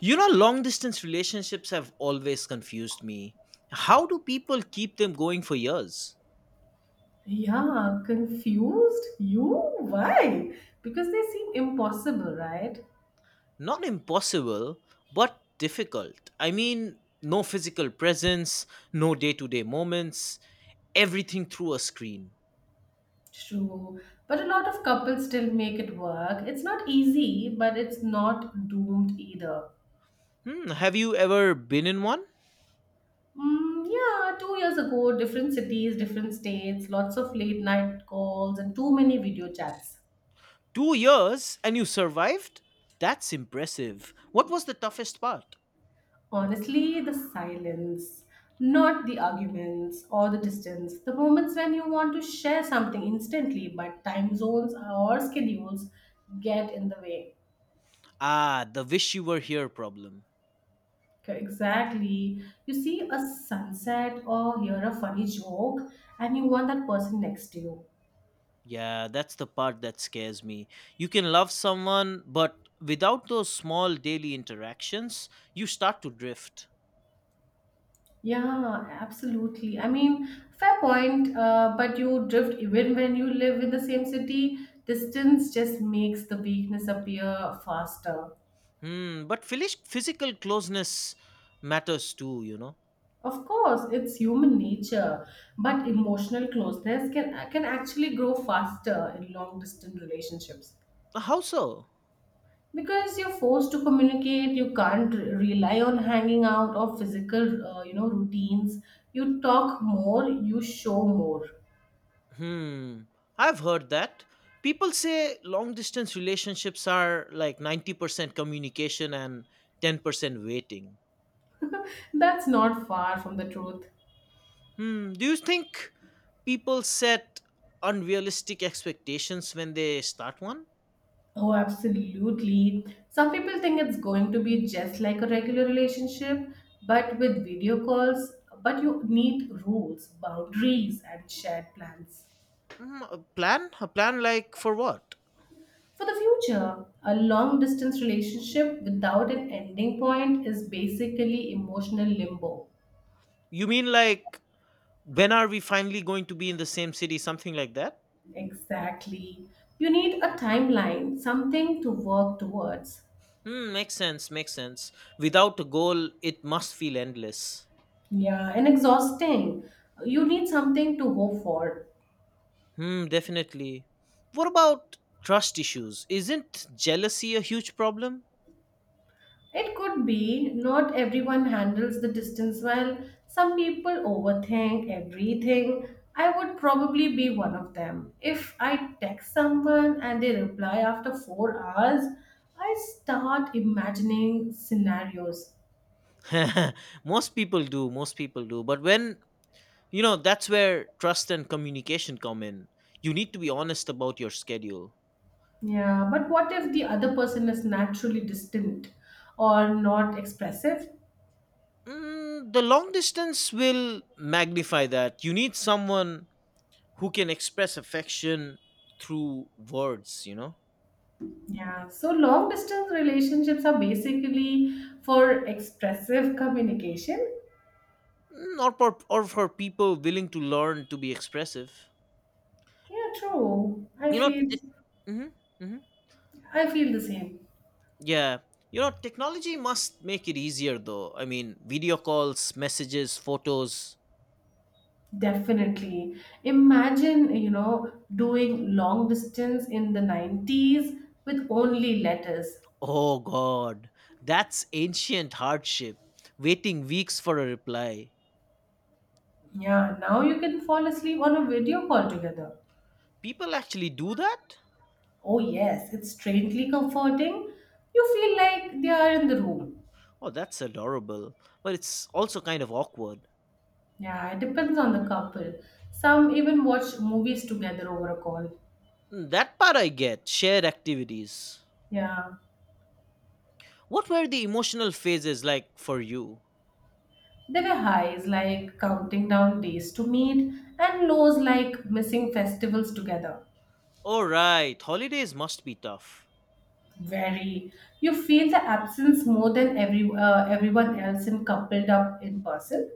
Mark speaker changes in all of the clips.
Speaker 1: You know, long distance relationships have always confused me. How do people keep them going for years?
Speaker 2: Yeah, confused? You? Why? Because they seem impossible, right?
Speaker 1: Not impossible, but difficult. I mean, no physical presence, no day to day moments, everything through a screen.
Speaker 2: True. But a lot of couples still make it work. It's not easy, but it's not doomed either.
Speaker 1: Have you ever been in one?
Speaker 2: Mm, yeah, 2 years ago, different cities, different states, lots of late night calls, and too many video chats.
Speaker 1: 2 years and you survived? That's impressive. What was the toughest part?
Speaker 2: Honestly, the silence, not the arguments or the distance, the moments when you want to share something instantly, but time zones or schedules get in the way.
Speaker 1: Ah, the wish you were here problem.
Speaker 2: Okay, exactly. You see a sunset or hear a funny joke, and you want that person next to you.
Speaker 1: Yeah, that's the part that scares me. You can love someone, but without those small daily interactions, you start to drift.
Speaker 2: Yeah, absolutely. I mean, fair point, but you drift even when you live in the same city. Distance just makes the weakness appear faster.
Speaker 1: But physical closeness matters too.
Speaker 2: Of course, it's human nature, but emotional closeness can actually grow faster in long distance relationships
Speaker 1: How so?
Speaker 2: because you're forced to communicate. You can't rely on hanging out or physical, routines. You talk more, you show more.
Speaker 1: Hmm, I've heard that. People say long distance relationships are like 90% communication and 10% waiting.
Speaker 2: That's not far from the truth.
Speaker 1: Do you think people set unrealistic expectations when they start one?
Speaker 2: Oh, absolutely. Some people think it's going to be just like a regular relationship, but with video calls, but you need rules, boundaries, and shared plans.
Speaker 1: A plan? A plan like for what?
Speaker 2: For the future, a long distance relationship without an ending point is basically emotional limbo.
Speaker 1: You mean, like when are we finally going to be in the same city? Something like that?
Speaker 2: Exactly. You need a timeline, something to work towards.
Speaker 1: Makes sense, makes sense. Without a goal, it must feel endless.
Speaker 2: Yeah, and exhausting. You need something to hope for.
Speaker 1: Hmm, definitely. What about trust issues? Isn't jealousy a huge problem?
Speaker 2: It could be, not everyone handles the distance well. Some people overthink everything. I would probably be one of them. If I text someone and they reply after 4 hours, I start imagining scenarios.
Speaker 1: Most people do, most people do. But that's where trust and communication come in. You need to be honest about your schedule.
Speaker 2: Yeah, but what if the other person is naturally distant or not expressive?
Speaker 1: The long distance will magnify that. You need someone who can express affection through words.
Speaker 2: Yeah, so long distance relationships are basically for expressive communication.
Speaker 1: Or for people willing to learn to be expressive.
Speaker 2: Yeah, true.
Speaker 1: You know, it, hmm hmm
Speaker 2: I feel the same.
Speaker 1: Yeah. Technology must make it easier, though. I mean, video calls, messages, photos.
Speaker 2: Definitely. Imagine, doing long distance in the 90s with only letters.
Speaker 1: Oh God, that's ancient hardship. Waiting weeks for a reply.
Speaker 2: Yeah, now you can fall asleep on a video call together.
Speaker 1: People actually do that?
Speaker 2: Oh, yes, it's strangely comforting. You feel like they are in the room.
Speaker 1: Oh, that's adorable, but it's also kind of awkward.
Speaker 2: Yeah, it depends on the couple. Some even watch movies together over a call.
Speaker 1: That part I get, shared activities.
Speaker 2: Yeah.
Speaker 1: What were the emotional phases like for you?
Speaker 2: There were highs like counting down days to meet and lows like missing festivals together.
Speaker 1: All right, holidays must be tough.
Speaker 2: Very. You feel the absence more than every everyone else in coupled up in person.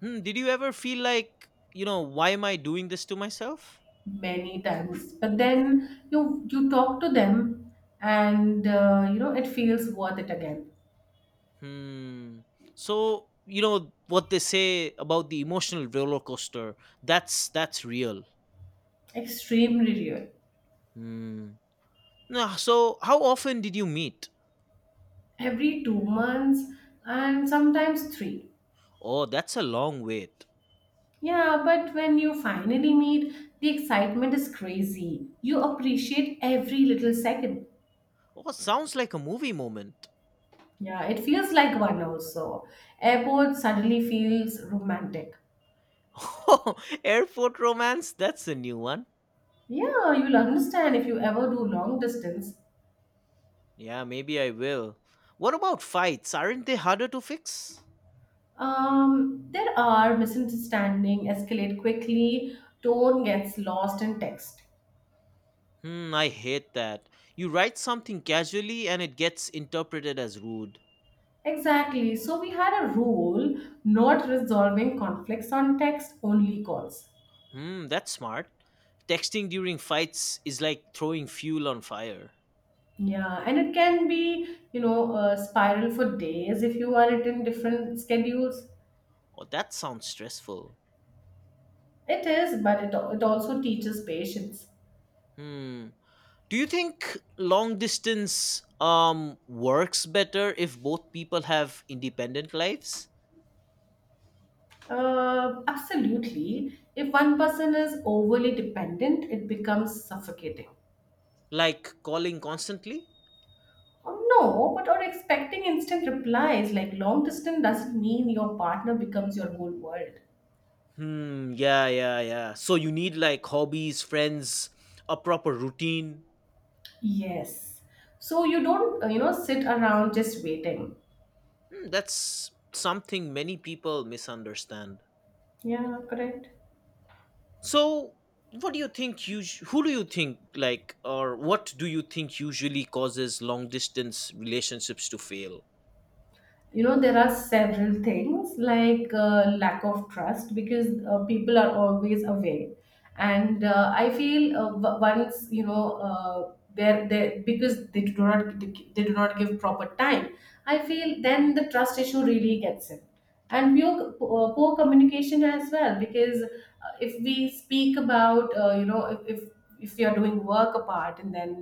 Speaker 1: Did you ever feel like why am I doing this to myself?
Speaker 2: Many times. But then you talk to them, and it feels worth it again.
Speaker 1: Hmm. So, what they say about the emotional roller coaster, that's real.
Speaker 2: Extremely real.
Speaker 1: Hmm. Nah, so how often did you meet?
Speaker 2: Every 2 months and sometimes three.
Speaker 1: Oh, that's a long wait.
Speaker 2: Yeah, but when you finally meet, the excitement is crazy. You appreciate every little second.
Speaker 1: Oh, sounds like a movie moment.
Speaker 2: Yeah, it feels like one also. Airport suddenly feels romantic.
Speaker 1: Oh, airport romance? That's a new one.
Speaker 2: Yeah, you'll understand if you ever do long distance.
Speaker 1: Yeah, maybe I will. What about fights? Aren't they harder to fix?
Speaker 2: There are misunderstanding escalate quickly, tone gets lost in text.
Speaker 1: I hate that. You write something casually and it gets interpreted as rude.
Speaker 2: Exactly. So we had a rule, not resolving conflicts on text, only calls.
Speaker 1: That's smart. Texting during fights is like throwing fuel on fire.
Speaker 2: Yeah, and it can be, a spiral for days if you are it in different schedules.
Speaker 1: Oh, that sounds stressful.
Speaker 2: It is, but it, it also teaches patience.
Speaker 1: Hmm. Do you think long distance works better if both people have independent lives?
Speaker 2: Absolutely. If one person is overly dependent, it becomes suffocating.
Speaker 1: Like calling constantly?
Speaker 2: Or no, but or expecting instant replies, like long distance doesn't mean your partner becomes your whole world.
Speaker 1: Hmm. Yeah. Yeah. Yeah. So you need, like, hobbies, friends, a proper routine.
Speaker 2: Yes. So you don't, sit around just waiting.
Speaker 1: That's something many people misunderstand.
Speaker 2: Yeah, correct.
Speaker 1: So, what do you think? You who do you think, like, or what do you think usually causes long distance relationships to fail?
Speaker 2: You know, there are several things like lack of trust because people are always away, and I feel once they're, they because they do not give proper time. I feel then the trust issue really gets in, and poor, poor communication as well, because if we speak about, if we are doing work apart, and then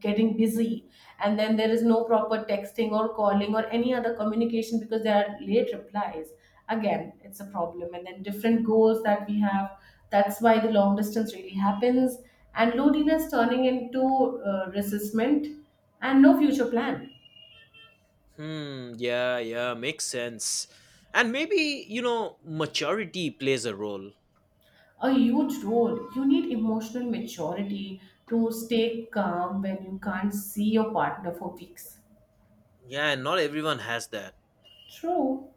Speaker 2: getting busy, and then there is no proper texting or calling or any other communication because there are late replies, again it's a problem, and then different goals that we have. That's why the long distance really happens, and loneliness turning into resentment and no future plan.
Speaker 1: Hmm. Yeah. Yeah. Makes sense. And maybe maturity plays a role.
Speaker 2: A huge role. You need emotional maturity to stay calm when you can't see your partner for weeks.
Speaker 1: Yeah. And not everyone has that.
Speaker 2: True.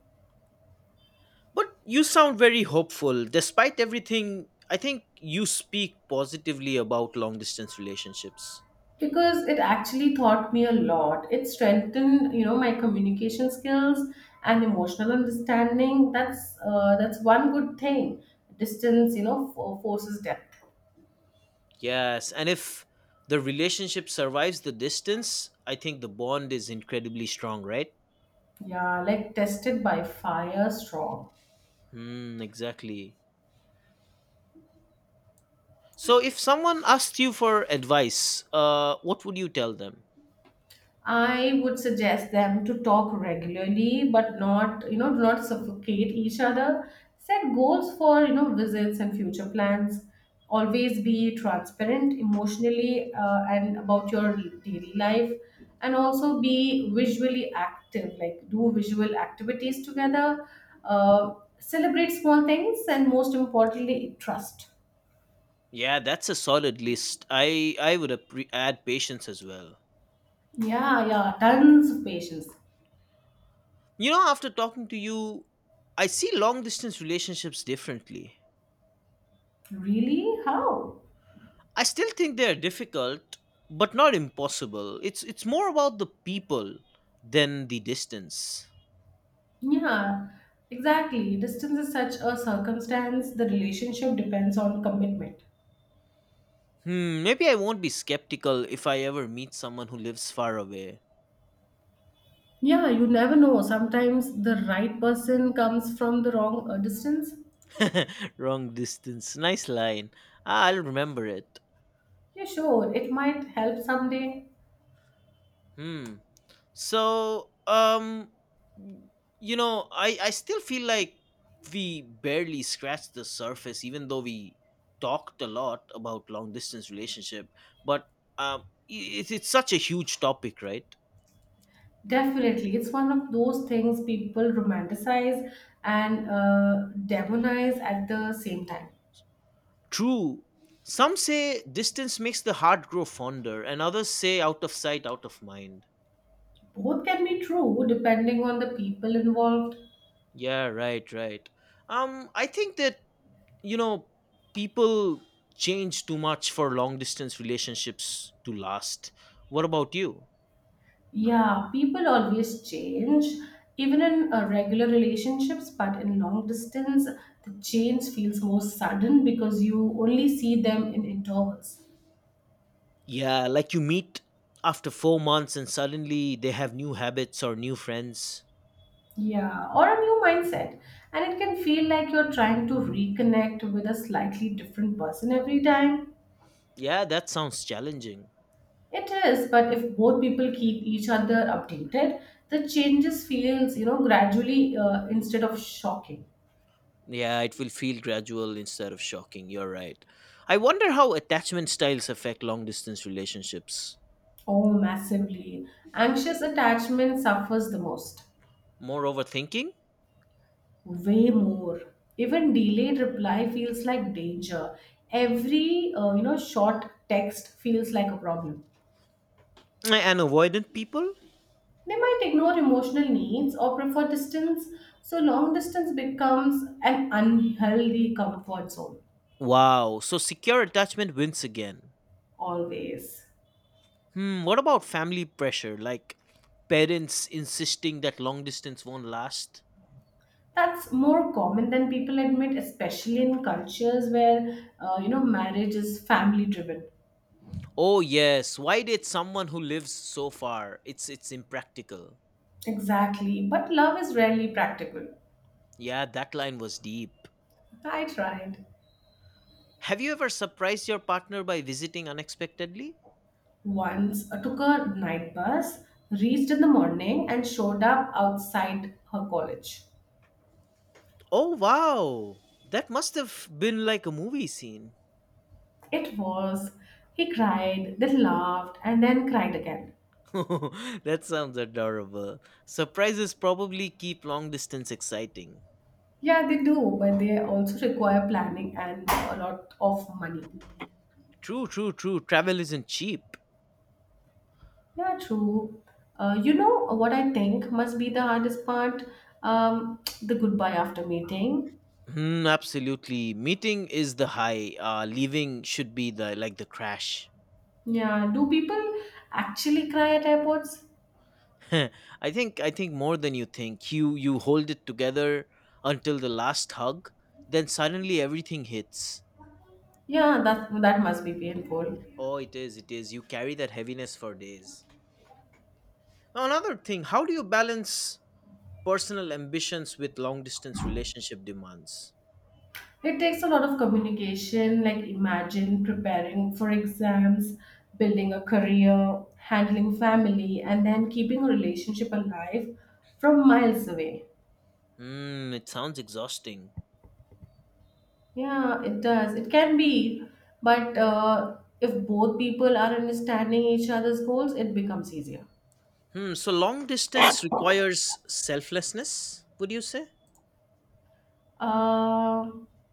Speaker 1: But you sound very hopeful. Despite everything, I think you speak positively about long distance relationships.
Speaker 2: Because it actually taught me a lot. It strengthened, my communication skills and emotional understanding. That's that's one good thing. Distance, forces depth.
Speaker 1: Yes, and if the relationship survives the distance, I think the bond is incredibly strong, right?
Speaker 2: Yeah, like tested by fire strong.
Speaker 1: Hmm, exactly. So if someone asked you for advice, what would you tell them?
Speaker 2: I would suggest them to talk regularly, but not, do not suffocate each other. Set goals for, visits and future plans. Always be transparent emotionally and about your daily life. And also be visually active, like do visual activities together. Celebrate small things, and most importantly, trust.
Speaker 1: Yeah, that's a solid list. I would appre add patience as well.
Speaker 2: Yeah, yeah, tons of patience.
Speaker 1: After talking to you, I see long distance relationships differently.
Speaker 2: Really? How?
Speaker 1: I still think they're difficult, but not impossible. It's more about the people than the distance.
Speaker 2: Yeah, exactly. Distance is such a circumstance, the relationship depends on commitment.
Speaker 1: Maybe I won't be skeptical if I ever meet someone who lives far away.
Speaker 2: Yeah, you never know. Sometimes the right person comes from the wrong distance.
Speaker 1: Wrong distance. Nice line. Ah, I'll remember it.
Speaker 2: Yeah, sure, it might help someday.
Speaker 1: Hmm. So, I still feel like we barely scratched the surface, even though we talked a lot about long distance relationship. But um, it's such a huge topic, right?
Speaker 2: Definitely. It's one of those things people romanticize and demonize at the same time.
Speaker 1: True. Some say distance makes the heart grow fonder, and others say out of sight, out of mind.
Speaker 2: Both can be true depending on the people involved.
Speaker 1: Yeah, right, right. I think that you know people change too much for long distance relationships to last. What about you?
Speaker 2: Yeah, people always change, even in regular relationships, but in long distance, the change feels more sudden because you only see them in intervals.
Speaker 1: Yeah, like you meet after 4 months and suddenly they have new habits or new friends.
Speaker 2: Yeah, or a new mindset. And it can feel like you're trying to reconnect with a slightly different person every time.
Speaker 1: Yeah, that sounds challenging.
Speaker 2: It is, but if both people keep each other updated, the changes feels, gradually instead of shocking.
Speaker 1: Yeah, it will feel gradual instead of shocking. You're right. I wonder how attachment styles affect long distance relationships.
Speaker 2: Oh, massively. Anxious attachment suffers the most.
Speaker 1: More overthinking.
Speaker 2: Way more. Even delayed reply feels like danger. Every short text feels like a problem.
Speaker 1: And avoidant people.
Speaker 2: They might ignore emotional needs or prefer distance, so long distance becomes an unhealthy comfort zone.
Speaker 1: Wow, so secure attachment wins again.
Speaker 2: Always.
Speaker 1: What about family pressure, like parents insisting that long distance won't last?
Speaker 2: That's more common than people admit, especially in cultures where marriage is family driven.
Speaker 1: Oh yes, why date someone who lives so far? It's impractical.
Speaker 2: Exactly, but love is rarely practical.
Speaker 1: Yeah, that line was deep.
Speaker 2: I tried.
Speaker 1: Have you ever surprised your partner by visiting unexpectedly?
Speaker 2: Once took a night bus, reached in the morning, and showed up outside her college.
Speaker 1: Oh wow, that must have been like a movie scene.
Speaker 2: It was. He cried, then laughed, and then cried again.
Speaker 1: That sounds adorable. Surprises probably keep long distance exciting.
Speaker 2: Yeah, they do, but they also require planning and a lot of money.
Speaker 1: True, true, true. Travel isn't cheap.
Speaker 2: Yeah, true. You know what I think must be the hardest part? The goodbye after meeting.
Speaker 1: Hmm, absolutely. Meeting is the high. Leaving should be, the like the crash.
Speaker 2: Yeah, do people actually cry at airports?
Speaker 1: I think, more than you think. You hold it together until the last hug, then suddenly everything hits.
Speaker 2: Yeah, that that must be painful.
Speaker 1: Oh, it is, it is. You carry that heaviness for days. Now, another thing, how do you balance personal ambitions with long distance relationship demands?
Speaker 2: It takes a lot of communication, like imagine preparing for exams, building a career, handling family, and then keeping a relationship alive from miles away.
Speaker 1: It sounds exhausting.
Speaker 2: Yeah, it does. It can be, but if both people are understanding each other's goals, it becomes easier.
Speaker 1: So long distance requires selflessness, would you say?
Speaker 2: Uh,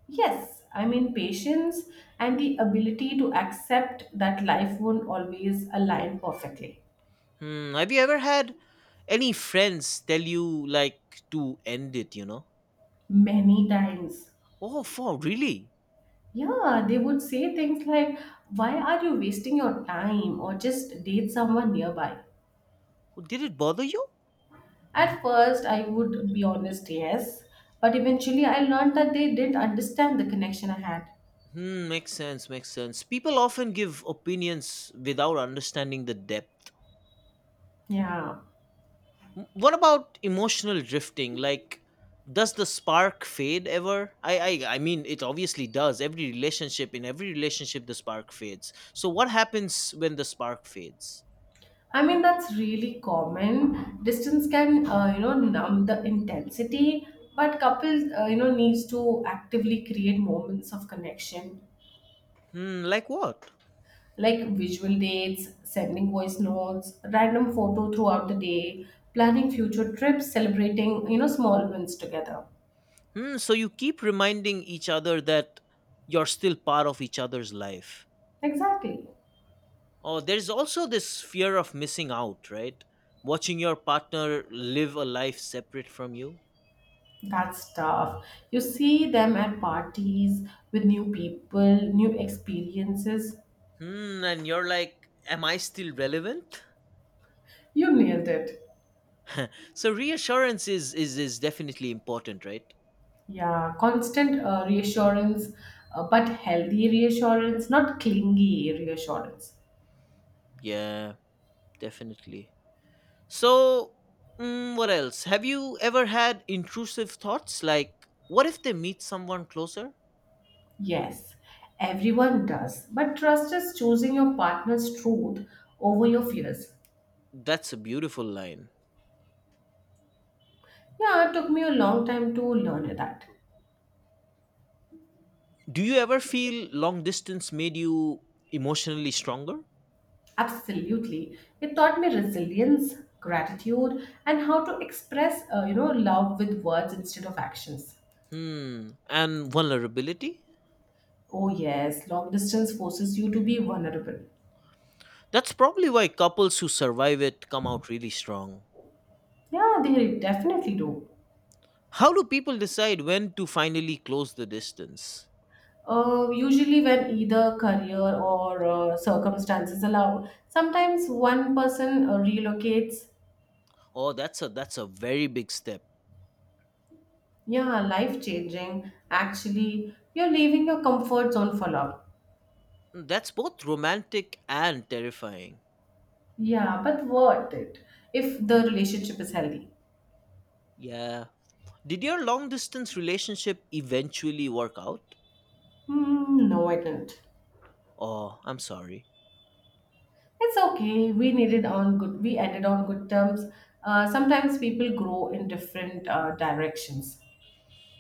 Speaker 2: yes, I mean, patience and the ability to accept that life won't always align perfectly.
Speaker 1: Have you ever had any friends tell you, like, to end it, you know?
Speaker 2: Many times.
Speaker 1: Oh, for really?
Speaker 2: Yeah, they would say things like, why are you wasting your time? Or just date someone nearby.
Speaker 1: Did it bother you?
Speaker 2: At first, I would be honest, yes, but eventually I learned that they didn't understand the connection I had.
Speaker 1: Makes sense, makes sense. People often give opinions without understanding the depth.
Speaker 2: Yeah,
Speaker 1: What about emotional drifting? Like, does the spark fade ever? I mean, it obviously does. Every relationship in every relationship the spark fades. So what happens when the spark fades?
Speaker 2: I mean, that's really common. Distance can, numb the intensity, but couples, needs to actively create moments of connection.
Speaker 1: Like what?
Speaker 2: Like visual dates, sending voice notes, random photo throughout the day, planning future trips, celebrating, small wins together.
Speaker 1: So you keep reminding each other that you're still part of each other's life.
Speaker 2: Exactly.
Speaker 1: Oh, there's also this fear of missing out, right? Watching your partner live a life separate from you.
Speaker 2: That's tough. You see them at parties with new people, new experiences.
Speaker 1: And you're like, am I still relevant?
Speaker 2: You nailed it.
Speaker 1: So reassurance is definitely important, right?
Speaker 2: Yeah, constant reassurance, but healthy reassurance, not clingy reassurance.
Speaker 1: Yeah, definitely. So, what else? Have you ever had intrusive thoughts like, what if they meet someone closer?
Speaker 2: Yes, everyone does. But trust is choosing your partner's truth over your fears.
Speaker 1: That's a beautiful line.
Speaker 2: Yeah, it took me a long time to learn that.
Speaker 1: Do you ever feel long distance made you emotionally stronger?
Speaker 2: Absolutely. It taught me resilience, gratitude, and how to express, love with words instead of actions.
Speaker 1: Hmm. And vulnerability?
Speaker 2: Oh, yes, long distance forces you to be vulnerable.
Speaker 1: That's probably why couples who survive it come out really strong.
Speaker 2: Yeah, they definitely do.
Speaker 1: How do people decide when to finally close the distance?
Speaker 2: Usually, when either career or circumstances allow, sometimes one person relocates.
Speaker 1: Oh, that's a very big step.
Speaker 2: Yeah, life changing. Actually, you're leaving your comfort zone for love.
Speaker 1: That's both romantic and terrifying.
Speaker 2: Yeah, but worth it if the relationship is healthy.
Speaker 1: Yeah. Did your long distance relationship eventually work out?
Speaker 2: Hmm, no, I didn't.
Speaker 1: Oh, I'm sorry.
Speaker 2: It's okay. We needed on good. We ended on good terms. Sometimes people grow in different directions.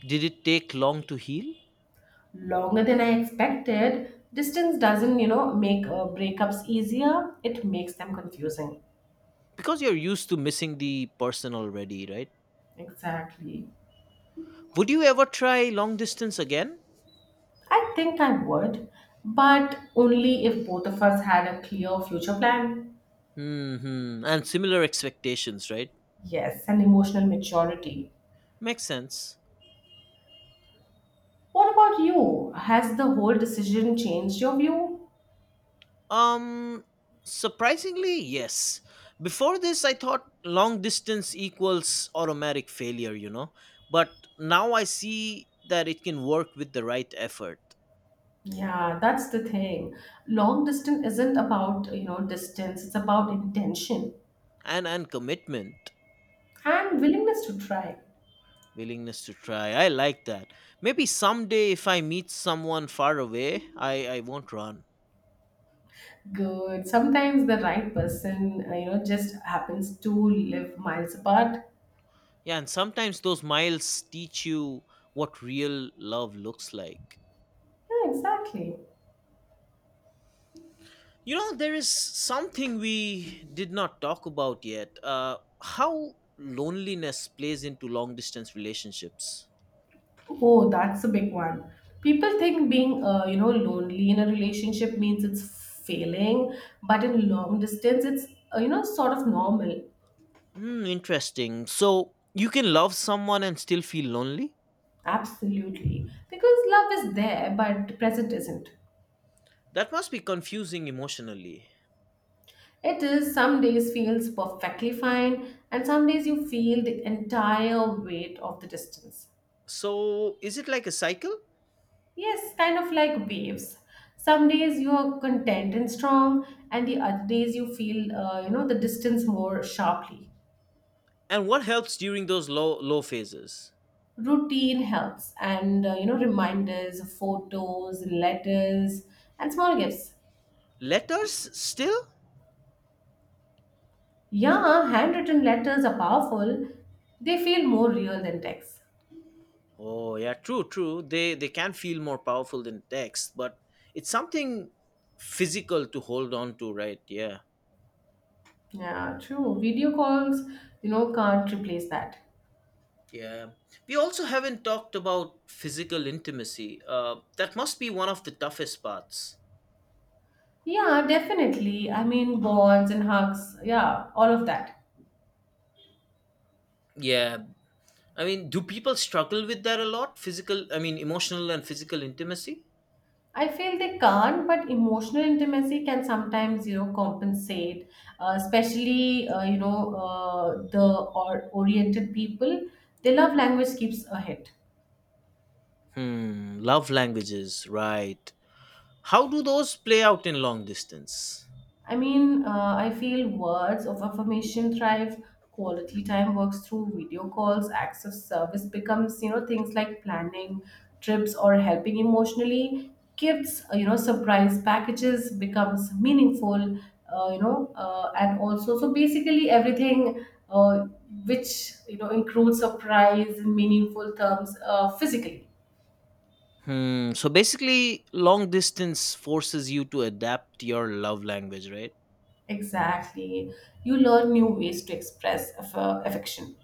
Speaker 1: Did it take long to heal?
Speaker 2: Longer than I expected. Distance doesn't, make breakups easier. It makes them confusing.
Speaker 1: Because you're used to missing the person already, right?
Speaker 2: Exactly.
Speaker 1: Would you ever try long distance again?
Speaker 2: I think I would, but only if both of us had a clear future plan.
Speaker 1: Hmm. And similar expectations, right?
Speaker 2: Yes, and emotional maturity.
Speaker 1: Makes sense.
Speaker 2: What about you? Has the whole decision changed your view?
Speaker 1: Um, Surprisingly, yes. Before this, I thought long distance equals automatic failure. But now I see that it can work with the right effort,
Speaker 2: Yeah, that's the thing. Long distance isn't about, distance, it's about intention
Speaker 1: and commitment,
Speaker 2: and willingness to try.
Speaker 1: willingness to try. I like that. Maybe someday, if I meet someone far away, I won't run.
Speaker 2: Good. Sometimes the right person, just happens to live miles apart.
Speaker 1: Yeah, and sometimes those miles teach you what real love looks like.
Speaker 2: Yeah, exactly.
Speaker 1: There is something we did not talk about yet, how loneliness plays into long distance relationships.
Speaker 2: Oh, that's a big one. People think being, lonely in a relationship means it's failing, but in long distance, it's, sort of normal.
Speaker 1: Hmm, interesting. So, you can love someone and still feel lonely?
Speaker 2: Absolutely. Because love is there, but present isn't.
Speaker 1: That must be confusing emotionally.
Speaker 2: It is, some days feels perfectly fine, and some days you feel the entire weight of the distance.
Speaker 1: So, is it like a cycle?
Speaker 2: Yes, kind of like waves. Some days you are content and strong, and the other days you feel, the distance more sharply.
Speaker 1: And what helps during those low phases?
Speaker 2: Routine helps, and reminders, photos, letters, and small gifts.
Speaker 1: Letters still?
Speaker 2: Yeah, handwritten letters are powerful. They feel more real than text.
Speaker 1: Oh yeah, true, true. They can feel more powerful than text, but it's something physical to hold on to, right? Yeah.
Speaker 2: Yeah, true. Video calls, can't replace that.
Speaker 1: Yeah. We also haven't talked about physical intimacy. That must be one of the toughest parts.
Speaker 2: Yeah, definitely. I mean, bonds and hugs, yeah, all of that.
Speaker 1: Yeah. I mean, do people struggle with that a lot? Physical, I mean, emotional and physical intimacy?
Speaker 2: I feel they can't, but emotional intimacy can sometimes, you know, compensate, especially, the oriented people. Their love language keeps ahead.
Speaker 1: Love languages, right. How do those play out in long distance?
Speaker 2: I feel words of affirmation thrive. Quality time works through video calls. Acts of service becomes, you know, things like planning trips or helping emotionally. Gifts, you know, surprise packages becomes meaningful. And also so basically everything uh, which you know includes surprise in meaningful terms physically.
Speaker 1: Hmm. So basically, long distance forces you to adapt your love language, right?
Speaker 2: Exactly, you learn new ways to express affection.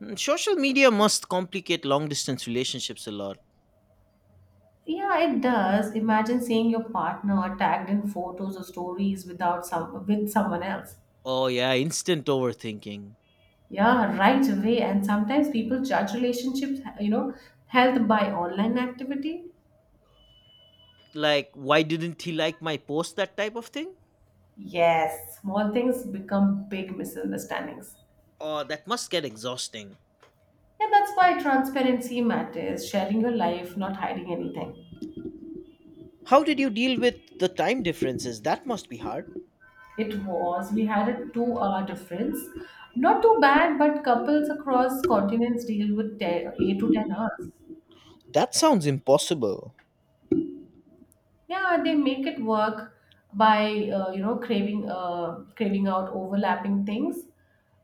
Speaker 1: Social media must complicate long distance relationships a lot.
Speaker 2: Yeah, it does. Imagine seeing your partner tagged in photos or stories without some with someone else.
Speaker 1: Oh, yeah, instant overthinking.
Speaker 2: Yeah, right away. And sometimes people judge relationships, you know, health by online activity.
Speaker 1: Like, why didn't he like my post? That type of thing?
Speaker 2: Yes, small things become big misunderstandings.
Speaker 1: Oh, that must get exhausting.
Speaker 2: Yeah, that's why transparency matters. Sharing your life, not hiding anything.
Speaker 1: How did you deal with the time differences? That must be hard.
Speaker 2: It was. We had a two-hour difference. Not too bad, but couples across continents deal with 10, 8 to 10 hours.
Speaker 1: That sounds impossible.
Speaker 2: Yeah, they make it work by you know craving out overlapping things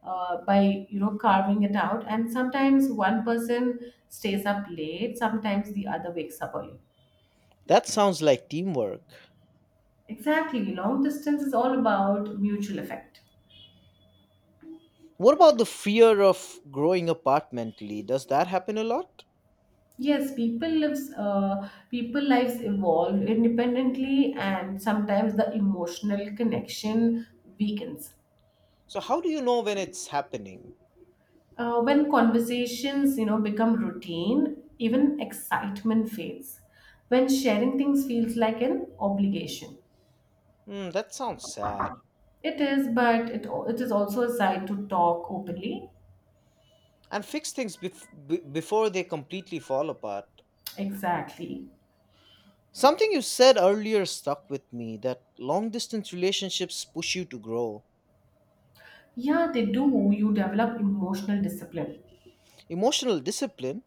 Speaker 2: by you know carving it out, and sometimes one person stays up late, sometimes the other wakes up early.
Speaker 1: That sounds like teamwork.
Speaker 2: Exactly, long distance is all about mutual effect.
Speaker 1: What about the fear of growing apart mentally? Does that happen a lot?
Speaker 2: Yes, people lives evolve independently, and sometimes the emotional connection weakens.
Speaker 1: So, how do you know when it's happening?
Speaker 2: When conversations, you know, become routine, even excitement fades. When sharing things feels like an obligation,
Speaker 1: That sounds sad.
Speaker 2: it is, but it is also a side to talk openly.
Speaker 1: And fix things before they completely fall apart.
Speaker 2: Exactly.
Speaker 1: Something you said earlier stuck with me, that long distance relationships push you to grow.
Speaker 2: Yeah, they do. You develop emotional discipline.
Speaker 1: Emotional discipline?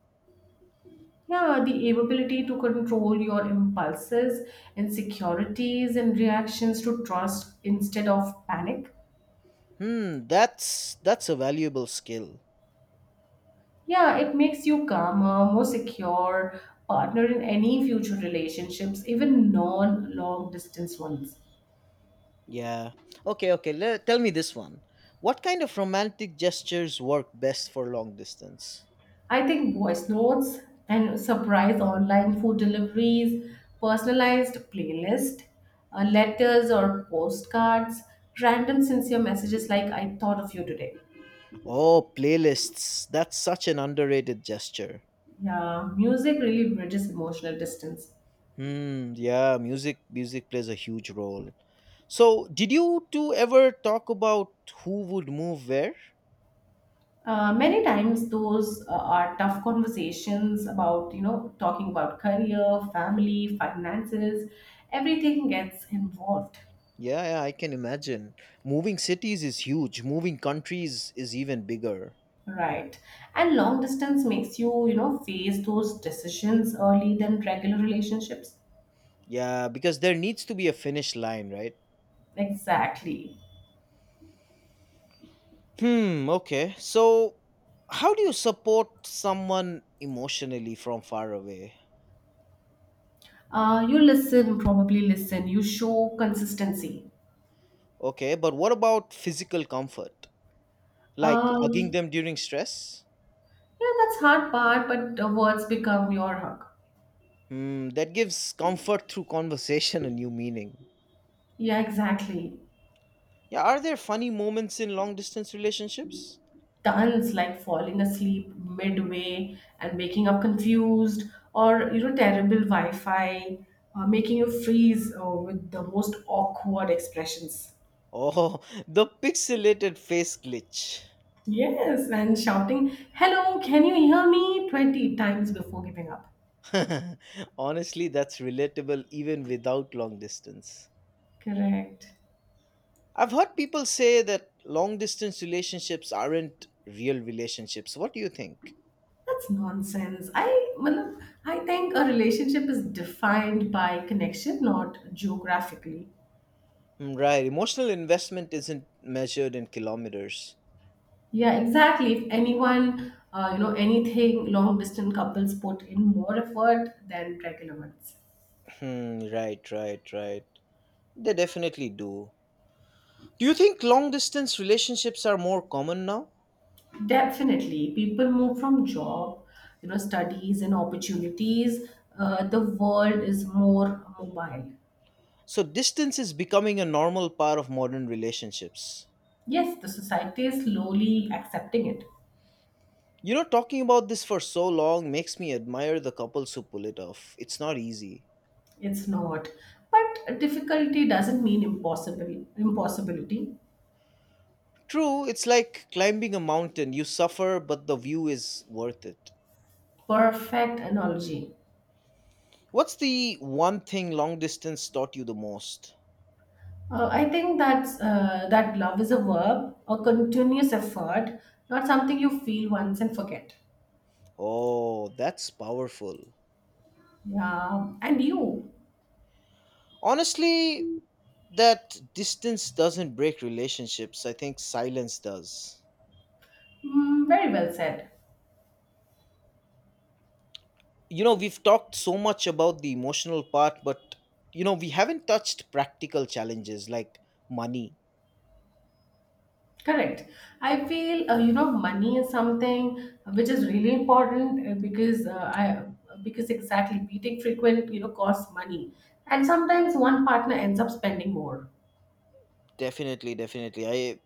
Speaker 2: Yeah, the ability to control your impulses, insecurities, and reactions to trust instead of panic.
Speaker 1: That's a valuable skill.
Speaker 2: Yeah, it makes you calmer, more secure partner in any future relationships, even non long distance ones.
Speaker 1: Yeah. Okay, okay. Tell me this one. What kind of romantic gestures work best for long distance?
Speaker 2: I think voice notes and surprise online food deliveries, personalized playlist, letters or postcards, random sincere messages like I thought of you today.
Speaker 1: Oh, playlists. That's such an underrated gesture.
Speaker 2: Yeah, music really bridges emotional distance.
Speaker 1: Hmm, yeah, music plays a huge role. So, did you two ever talk about who would move where?
Speaker 2: Many times those are tough conversations about you know talking about career family finances everything gets involved.
Speaker 1: Yeah, yeah, I can imagine. Moving cities is huge, moving countries is even bigger.
Speaker 2: Right, and long distance makes you you know face those decisions early than regular relationships.
Speaker 1: Yeah, because there needs to be a finish line, right?
Speaker 2: Exactly.
Speaker 1: Hmm, okay. So, how do you support someone emotionally from far away?
Speaker 2: You listen, probably listen, you show consistency.
Speaker 1: Okay, but what about physical comfort? Like
Speaker 2: uh,
Speaker 1: hugging them during stress?
Speaker 2: yeah, that's hard part but words become your hug.
Speaker 1: That gives comfort through conversation a new meaning.
Speaker 2: Yeah, exactly.
Speaker 1: Yeah, are there funny moments in long distance relationships?
Speaker 2: Tons, like falling asleep midway and waking up confused, or you know terrible wi-fi making you freeze with the most awkward expressions.
Speaker 1: Oh, the pixelated face glitch.
Speaker 2: Yes, and shouting hello can you hear me 20 times before giving up.
Speaker 1: Honestly, that's relatable even without long distance.
Speaker 2: Correct.
Speaker 1: I've heard people say that long distance relationships aren't real relationships. What do you think?
Speaker 2: That's nonsense. I think a relationship is defined by connection, not geographically.
Speaker 1: Hmm, right, emotional investment isn't measured in kilometers.
Speaker 2: Yeah, exactly. If anyone, anything long distance couples put in more effort than regular ones.
Speaker 1: Hmm, right, right, right. They definitely do. Do you think long distance relationships are more common now?
Speaker 2: Definitely. People move from job, you know, studies and opportunities. The world is more mobile.
Speaker 1: So distance is becoming a normal part of modern relationships.
Speaker 2: Yes, the society is slowly accepting it.
Speaker 1: Talking about this for so long makes me admire the couples who pull it off. It's not easy.
Speaker 2: It's not. But difficulty doesn't mean impossible impossibility.
Speaker 1: True, it's like climbing a mountain. You suffer, but the view is worth it.
Speaker 2: Perfect analogy.
Speaker 1: What's the one thing long distance taught you the most?
Speaker 2: I think that love is a verb, a continuous effort, not something you feel once and forget.
Speaker 1: Oh, that's powerful.
Speaker 2: Yeah, and you,
Speaker 1: Honestly, that distance doesn't break relationships. I think silence does.
Speaker 2: mm, very well said.
Speaker 1: We've talked so much about the emotional part, but we haven't touched practical challenges like money.
Speaker 2: Correct. I feel you know money is something which is really important I because exactly beating frequent you know costs money, and sometimes one partner ends up spending more.
Speaker 1: Definitely definitely i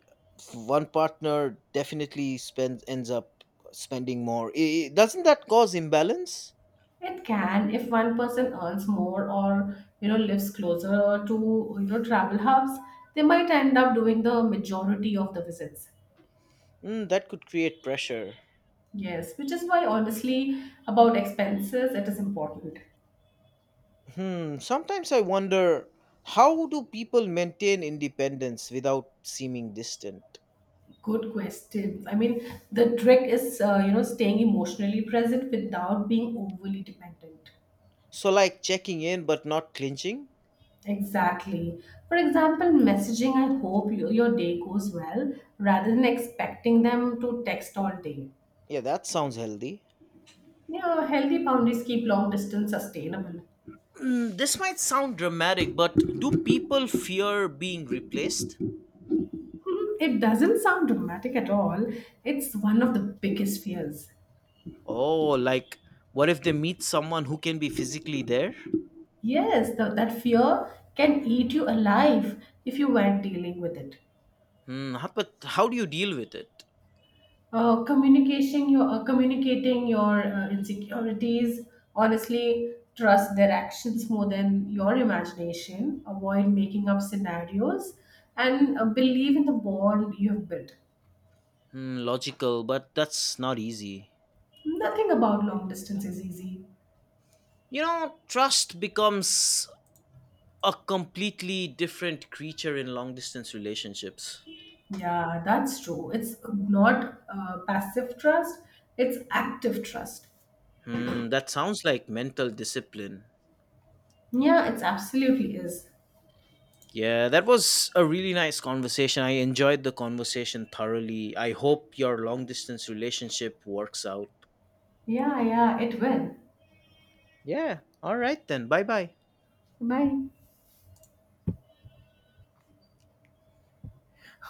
Speaker 1: One partner definitely spends ends up spending more. Doesn't that cause imbalance?
Speaker 2: It can, if one person earns more or you know lives closer to you know travel hubs, they might end up doing the majority of the visits.
Speaker 1: That could create pressure.
Speaker 2: Yes, which is why honestly about expenses it is important.
Speaker 1: Sometimes I wonder, how do people maintain independence without seeming distant?
Speaker 2: Good question. I mean, the trick is you know staying emotionally present without being overly dependent.
Speaker 1: So, like checking in but not clinching?
Speaker 2: Exactly. For example, messaging, I hope you, your day goes well, rather than expecting them to text all day.
Speaker 1: Yeah, that sounds healthy.
Speaker 2: Yeah, healthy boundaries keep long distance sustainable.
Speaker 1: This might sound dramatic, but do people fear being replaced?
Speaker 2: Hmm, it doesn't sound dramatic at all. It's one of the biggest fears.
Speaker 1: Oh, like what if they meet someone who can be physically there?
Speaker 2: Yes, that fear can eat you alive if you weren't dealing with it.
Speaker 1: But how do you deal with it?
Speaker 2: Communication your Communicating your insecurities. Honestly, trust their actions more than your imagination. Avoid making up scenarios, and believe in the bond you have built.
Speaker 1: Logical, but that's not easy.
Speaker 2: Nothing about long distance is easy.
Speaker 1: Trust becomes a completely different creature in long distance relationships.
Speaker 2: Yeah, that's true. It's not passive trust, it's active trust.
Speaker 1: That sounds like mental discipline.
Speaker 2: Yeah, it's absolutely is.
Speaker 1: Yeah, that was a really nice conversation. I enjoyed the conversation thoroughly. I hope your long distance relationship works out.
Speaker 2: Yeah, yeah, it will.
Speaker 1: Yeah. All right then. Bye bye.
Speaker 2: Bye.